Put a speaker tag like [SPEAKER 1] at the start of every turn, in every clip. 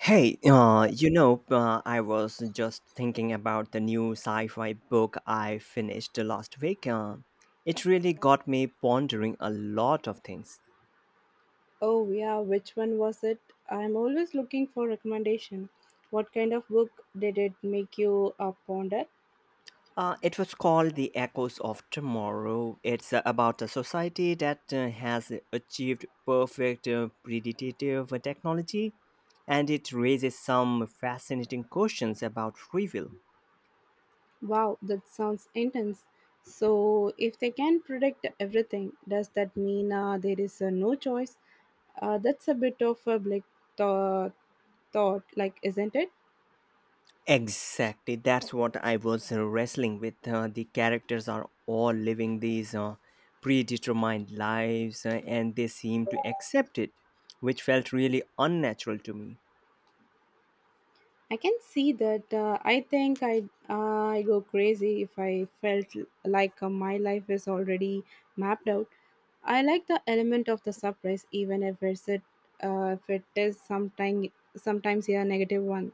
[SPEAKER 1] I was just thinking about the new sci fi book I finished last week. It really got me pondering a lot of things.
[SPEAKER 2] Oh, yeah, which one was it? I'm always looking for recommendation. What kind of book did it make you ponder?
[SPEAKER 1] It was called The Echoes of Tomorrow. It's about a society that has achieved perfect predictive technology, and it raises some fascinating questions about free will.
[SPEAKER 2] Wow, that sounds intense. So, if they can predict everything, does that mean there is no choice? That's a bit of a like thought. thought, like, isn't it?
[SPEAKER 1] Exactly, that's what I was wrestling with. The characters are all living these predetermined lives and they seem to accept it, which felt really unnatural to me.
[SPEAKER 2] I can see that. I think I go crazy if I felt like my life is already mapped out. I like the element of the surprise, even if it's it if it is sometimes a negative one.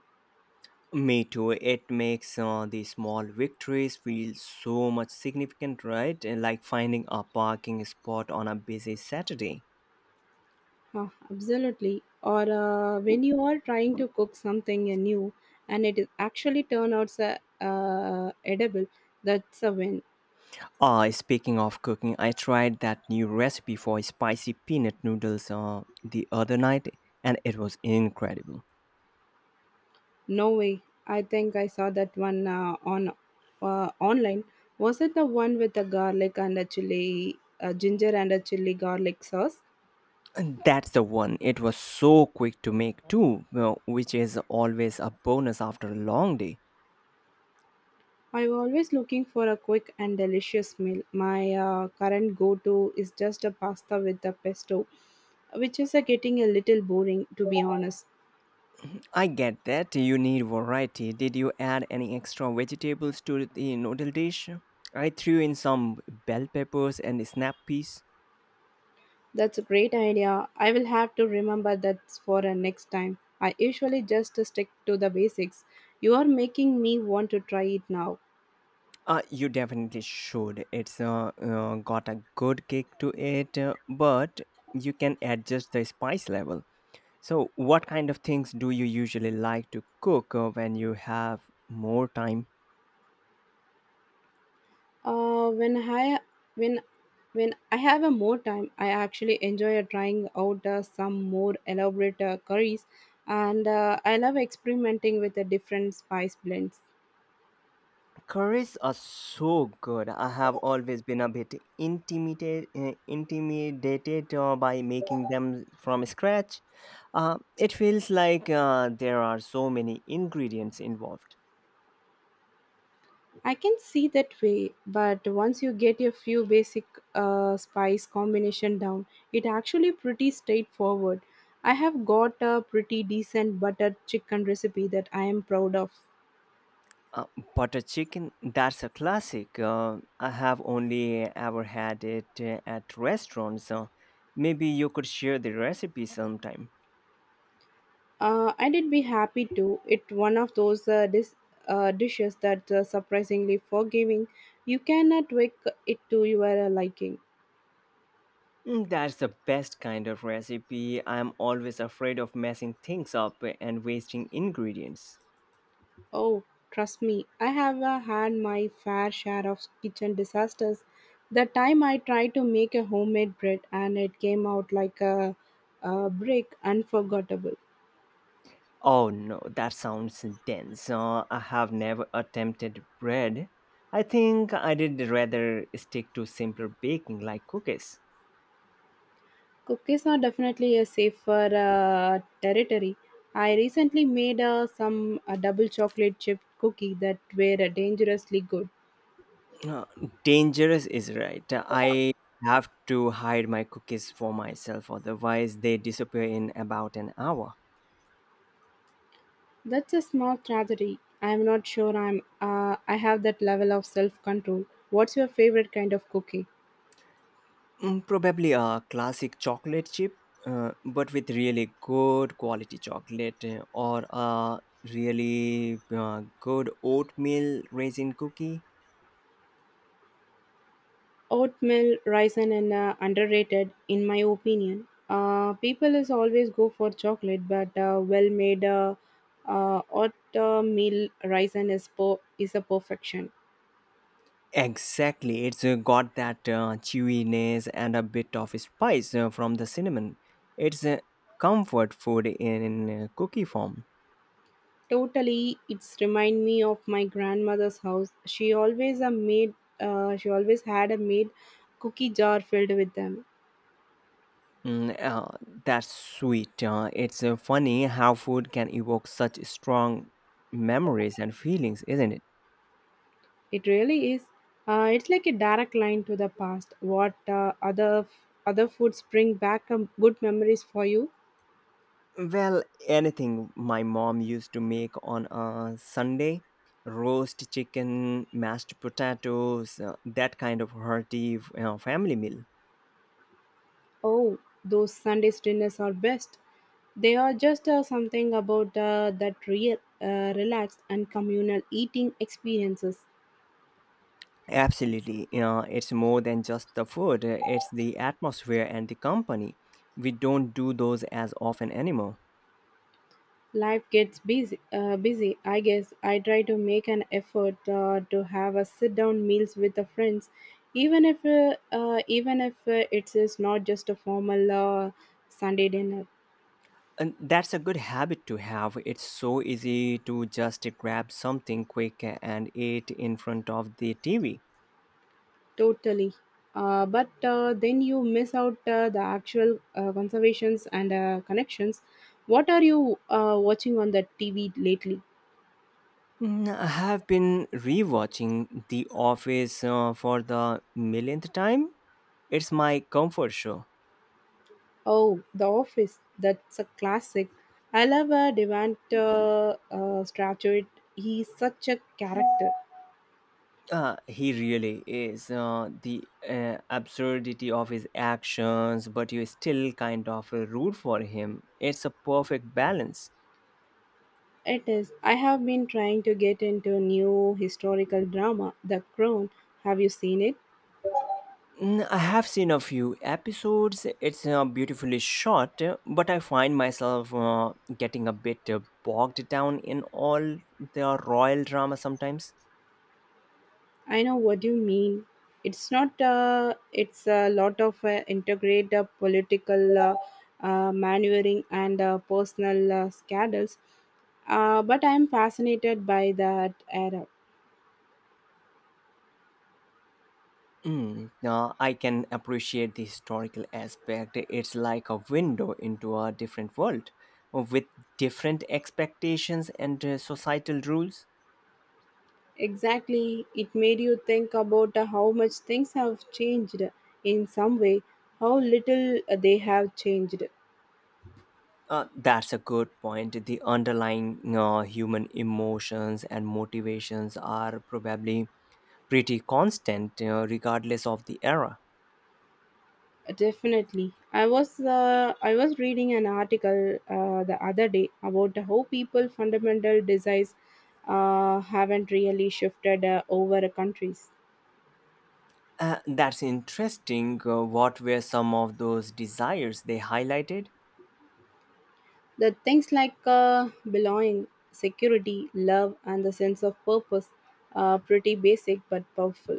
[SPEAKER 1] Me too, it makes the small victories feel so much significant, right? And like finding a parking spot on a busy Saturday.
[SPEAKER 2] Huh, absolutely. Or when you are trying to cook something new and it is actually turn out edible, that's a win.
[SPEAKER 1] Speaking of cooking, I tried that new recipe for spicy peanut noodles the other night and it was incredible.
[SPEAKER 2] No way. I think I saw that one on online. Was it the one with the garlic and the chili, ginger and a chili garlic sauce?
[SPEAKER 1] And that's the one. It was so quick to make too, well, which is always a bonus after a long day.
[SPEAKER 2] I'm always looking for a quick and delicious meal. My current go-to is just a pasta with the pesto, which is getting a little boring to be honest.
[SPEAKER 1] I get that you need variety. Did you add any extra vegetables to the noodle dish? I threw in some bell peppers and snap peas.
[SPEAKER 2] That's a great idea. I will have to remember that for next time. I usually just stick to the basics. You are making me want to try it now.
[SPEAKER 1] You definitely should. It's got a good kick to it, but you can adjust the spice level. So, what kind of things do you usually like to cook when you have more time?
[SPEAKER 2] Uh, when I when when I have a more time, I actually enjoy trying out some more elaborate curries, and I love experimenting with the different spice blends.
[SPEAKER 1] Curries are so good. I have always been a bit intimidated by making them from scratch. It feels like there are so many ingredients involved.
[SPEAKER 2] I can see that way, but once you get a few basic spice combination down, it actually pretty straightforward. I have got a pretty decent buttered chicken recipe that I am proud of.
[SPEAKER 1] Uh, Butter chicken, that's a classic. I have only ever had it at restaurants. Maybe you could share the recipe sometime.
[SPEAKER 2] I did be happy to. It one of those dishes that surprisingly forgiving. You cannot tweak it to your liking.
[SPEAKER 1] Mm, that's the best kind of recipe. I'm always afraid of messing things up and wasting ingredients.
[SPEAKER 2] Oh, trust me, I have had my fair share of kitchen disasters. The time I tried to make a homemade bread and it came out like a brick, unforgettable.
[SPEAKER 1] Oh no, that sounds dense. I have never attempted bread. I think I did rather stick to simpler baking like cookies.
[SPEAKER 2] Cookies are definitely a safer territory. I recently made some a double chocolate chip cookie that were dangerously good.
[SPEAKER 1] Uh, Dangerous is right. I have to hide my cookies for myself, otherwise, they disappear in about an hour.
[SPEAKER 2] That's a small tragedy. I'm not sure I have that level of self control. What's your favorite kind of cookie?
[SPEAKER 1] Mm, probably a classic chocolate chip, but with really good quality chocolate, or a really good oatmeal raisin cookie.
[SPEAKER 2] Oatmeal, raisin, and underrated in my opinion. People is always go for chocolate, but well made oatmeal raisin is a perfection.
[SPEAKER 1] Exactly, it's got that chewiness and a bit of spice from the cinnamon. It's a comfort food in cookie form.
[SPEAKER 2] Totally, it's remind me of my grandmother's house. She always had a made cookie jar filled with them.
[SPEAKER 1] Mm, uh, that's sweet. It's funny how food can evoke such strong memories and feelings, isn't it?
[SPEAKER 2] It really is. It's like a direct line to the past. What other foods bring back good memories for you?
[SPEAKER 1] Well, anything my mom used to make on a Sunday roast chicken, mashed potatoes, that kind of hearty you know, family meal.
[SPEAKER 2] Oh, those Sundays dinners are best. They are just something about that real, relaxed and communal eating experiences.
[SPEAKER 1] Absolutely. You know, it's more than just the food, it's the atmosphere and the company. We don't do those as often anymore.
[SPEAKER 2] Life gets busy. I guess I try to make an effort to have a sit down meals with the friends, even if it is not just a formal Sunday dinner.
[SPEAKER 1] And that's a good habit to have. It's so easy to just grab something quick and eat in front of the TV.
[SPEAKER 2] Totally. But then you miss out the actual conservations and connections. What are you watching on the TV lately?
[SPEAKER 1] Mm, I have been rewatching The Office for the millionth time. It's my comfort show.
[SPEAKER 2] Oh, The Office. That's a classic. I love a Devante Stratford. He's such a character.
[SPEAKER 1] He really is. The absurdity of his actions, but you still kind of root for him. It's a perfect balance.
[SPEAKER 2] It is. I have been trying to get into a new historical drama, The Crown. Have you seen it?
[SPEAKER 1] Mm, I have seen a few episodes. It's beautifully shot, but I find myself getting a bit bogged down in all the royal drama sometimes.
[SPEAKER 2] I know what you mean. It's not. It's a lot of integrated political maneuvering and personal scandals. But I'm fascinated by that era.
[SPEAKER 1] I can appreciate the historical aspect. It's like a window into a different world with different expectations and societal rules.
[SPEAKER 2] Exactly, it made you think about how much things have changed in some way, how little they have changed.
[SPEAKER 1] That's a good point. The underlying human emotions and motivations are probably pretty constant, you regardless of the era.
[SPEAKER 2] Definitely, I was reading an article the other day about how people fundamental desires haven't really shifted over countries.
[SPEAKER 1] That's interesting. What were some of those desires they highlighted?
[SPEAKER 2] The things like belonging, security, love, and the sense of purpose are pretty basic but powerful.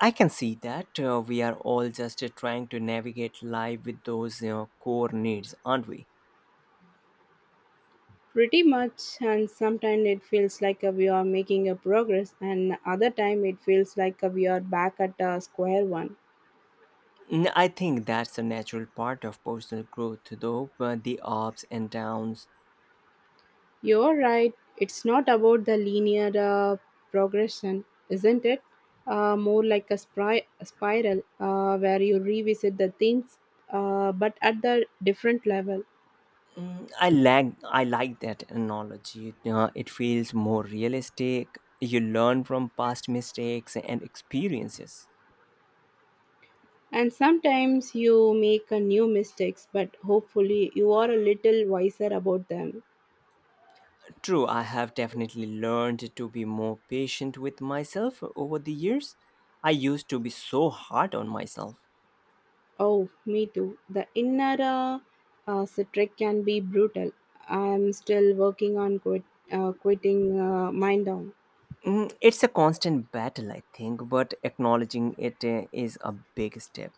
[SPEAKER 1] I can see that we are all just trying to navigate life with those you know, core needs, aren't we?
[SPEAKER 2] Pretty much, and sometimes it feels like we are making a progress, and other time it feels like we are back at square one.
[SPEAKER 1] Mm, I think that's a natural part of personal growth, though, the ups and downs.
[SPEAKER 2] You're right. It's not about the linear progression, isn't it? More like a spiral where you revisit the things, but at the different level.
[SPEAKER 1] Mm, I like that analogy. It feels more realistic. You learn from past mistakes and experiences.
[SPEAKER 2] And sometimes you make a new mistakes, but hopefully you are a little wiser about them.
[SPEAKER 1] True, I have definitely learned to be more patient with myself over the years. I used to be so hard on myself.
[SPEAKER 2] Oh, me too. The inner citric can be brutal. I'm still working on quitting mine down.
[SPEAKER 1] Mm, it's a constant battle, I think, but acknowledging it is a big step.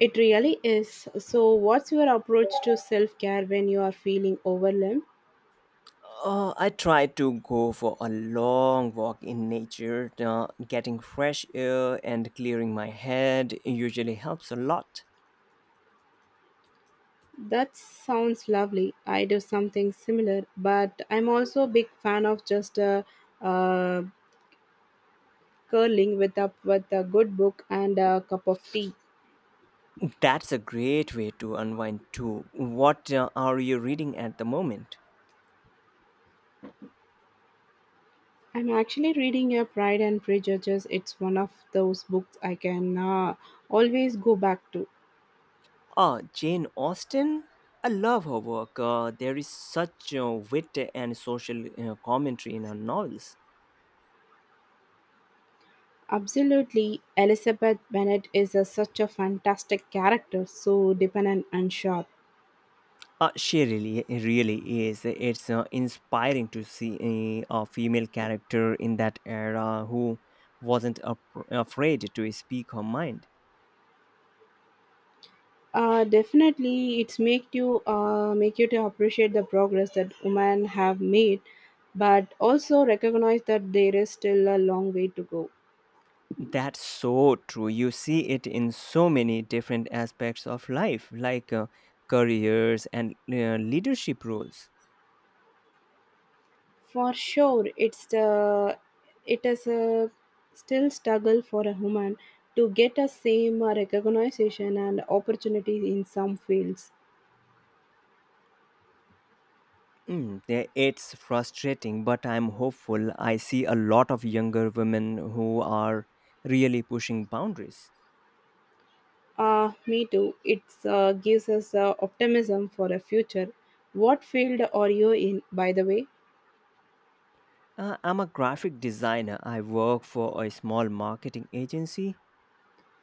[SPEAKER 2] It really is. So, what's your approach to self care when you are feeling overwhelmed?
[SPEAKER 1] I try to go for a long walk in nature. Getting fresh air and clearing my head usually helps a lot.
[SPEAKER 2] That sounds lovely. I do something similar, but I'm also a big fan of just uh, curling with up with a good book and a cup of tea.
[SPEAKER 1] That's a great way to unwind too. What are you reading at the moment?
[SPEAKER 2] I'm actually reading a Pride and Prejudice. It's one of those books I can always go back to.
[SPEAKER 1] Ah, Jane Austen? I love her work. There is such wit and social commentary in her novels.
[SPEAKER 2] Absolutely, Elizabeth Bennet is such a fantastic character, so dependent and sharp.
[SPEAKER 1] She really is. It's inspiring to see a female character in that era who wasn't ap- afraid to speak her mind.
[SPEAKER 2] Definitely, it's make you make you to appreciate the progress that women have made, but also recognize that there is still a long way to go.
[SPEAKER 1] That's so true. You see it in so many different aspects of life, like careers and leadership roles.
[SPEAKER 2] For sure, it is a still struggle for a human to get a same recognition and opportunities in some fields.
[SPEAKER 1] Mm, eh, it's frustrating, but I'm hopeful. I see a lot of younger women who are really pushing boundaries.
[SPEAKER 2] Me too. It gives us optimism for a future. What field are you in, by the way?
[SPEAKER 1] I'm a graphic designer. I work for a small marketing agency.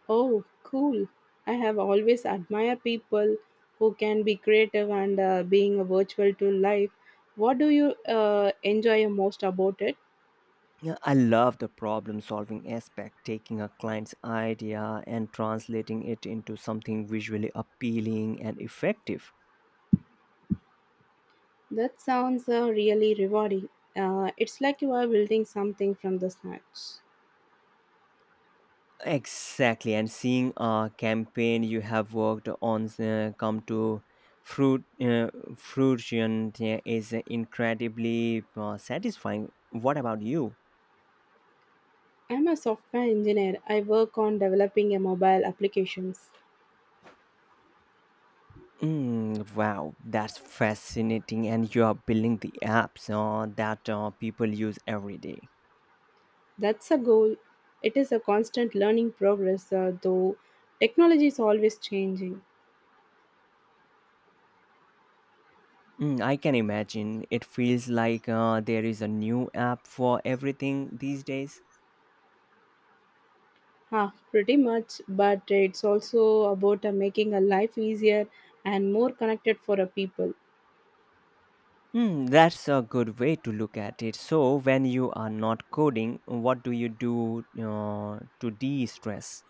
[SPEAKER 2] Oh, cool. I have always admired people who can be creative and being a virtual to life. What do you enjoy most about it?
[SPEAKER 1] Yeah, I love the problem solving aspect, taking a client's idea and translating it into something visually appealing and effective.
[SPEAKER 2] That sounds really rewarding. It's like you are building something from the scratch.
[SPEAKER 1] Exactly, and seeing a campaign you have worked on come to fruit uh, fruition, yeah, is incredibly satisfying. What about you?
[SPEAKER 2] I'm a software engineer. I work on developing a mobile applications.
[SPEAKER 1] Mm, wow, that's fascinating. And you are building the apps that people use every day.
[SPEAKER 2] That's a goal. It is a constant learning progress, though technology is always changing.
[SPEAKER 1] Mm, I can imagine. It feels like there is a new app for everything these days.
[SPEAKER 2] Huh, pretty much, but it's also about making a life easier and more connected for a people.
[SPEAKER 1] Mm, that's a good way to look at it. So, when you are not coding, what do you do to de stress?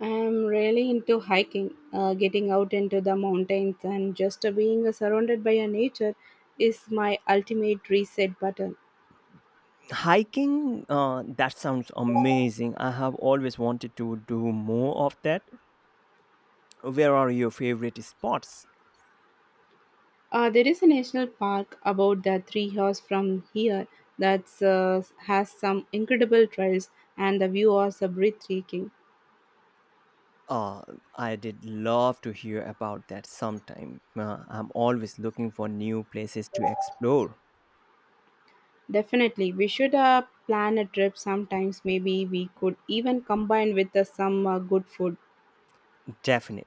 [SPEAKER 2] I'm really into hiking, getting out into the mountains and just being surrounded by a nature is my ultimate reset button.
[SPEAKER 1] Hiking, that sounds amazing. I have always wanted to do more of that. Where are your favorite spots?
[SPEAKER 2] There is a national park about the 3 hours from here that has some incredible trails and the view is breathtaking.
[SPEAKER 1] Uh, I did love to hear about that sometime. I'm always looking for new places to explore.
[SPEAKER 2] Definitely, we should plan a trip sometimes. Maybe we could even combine with some good food.
[SPEAKER 1] Definitely.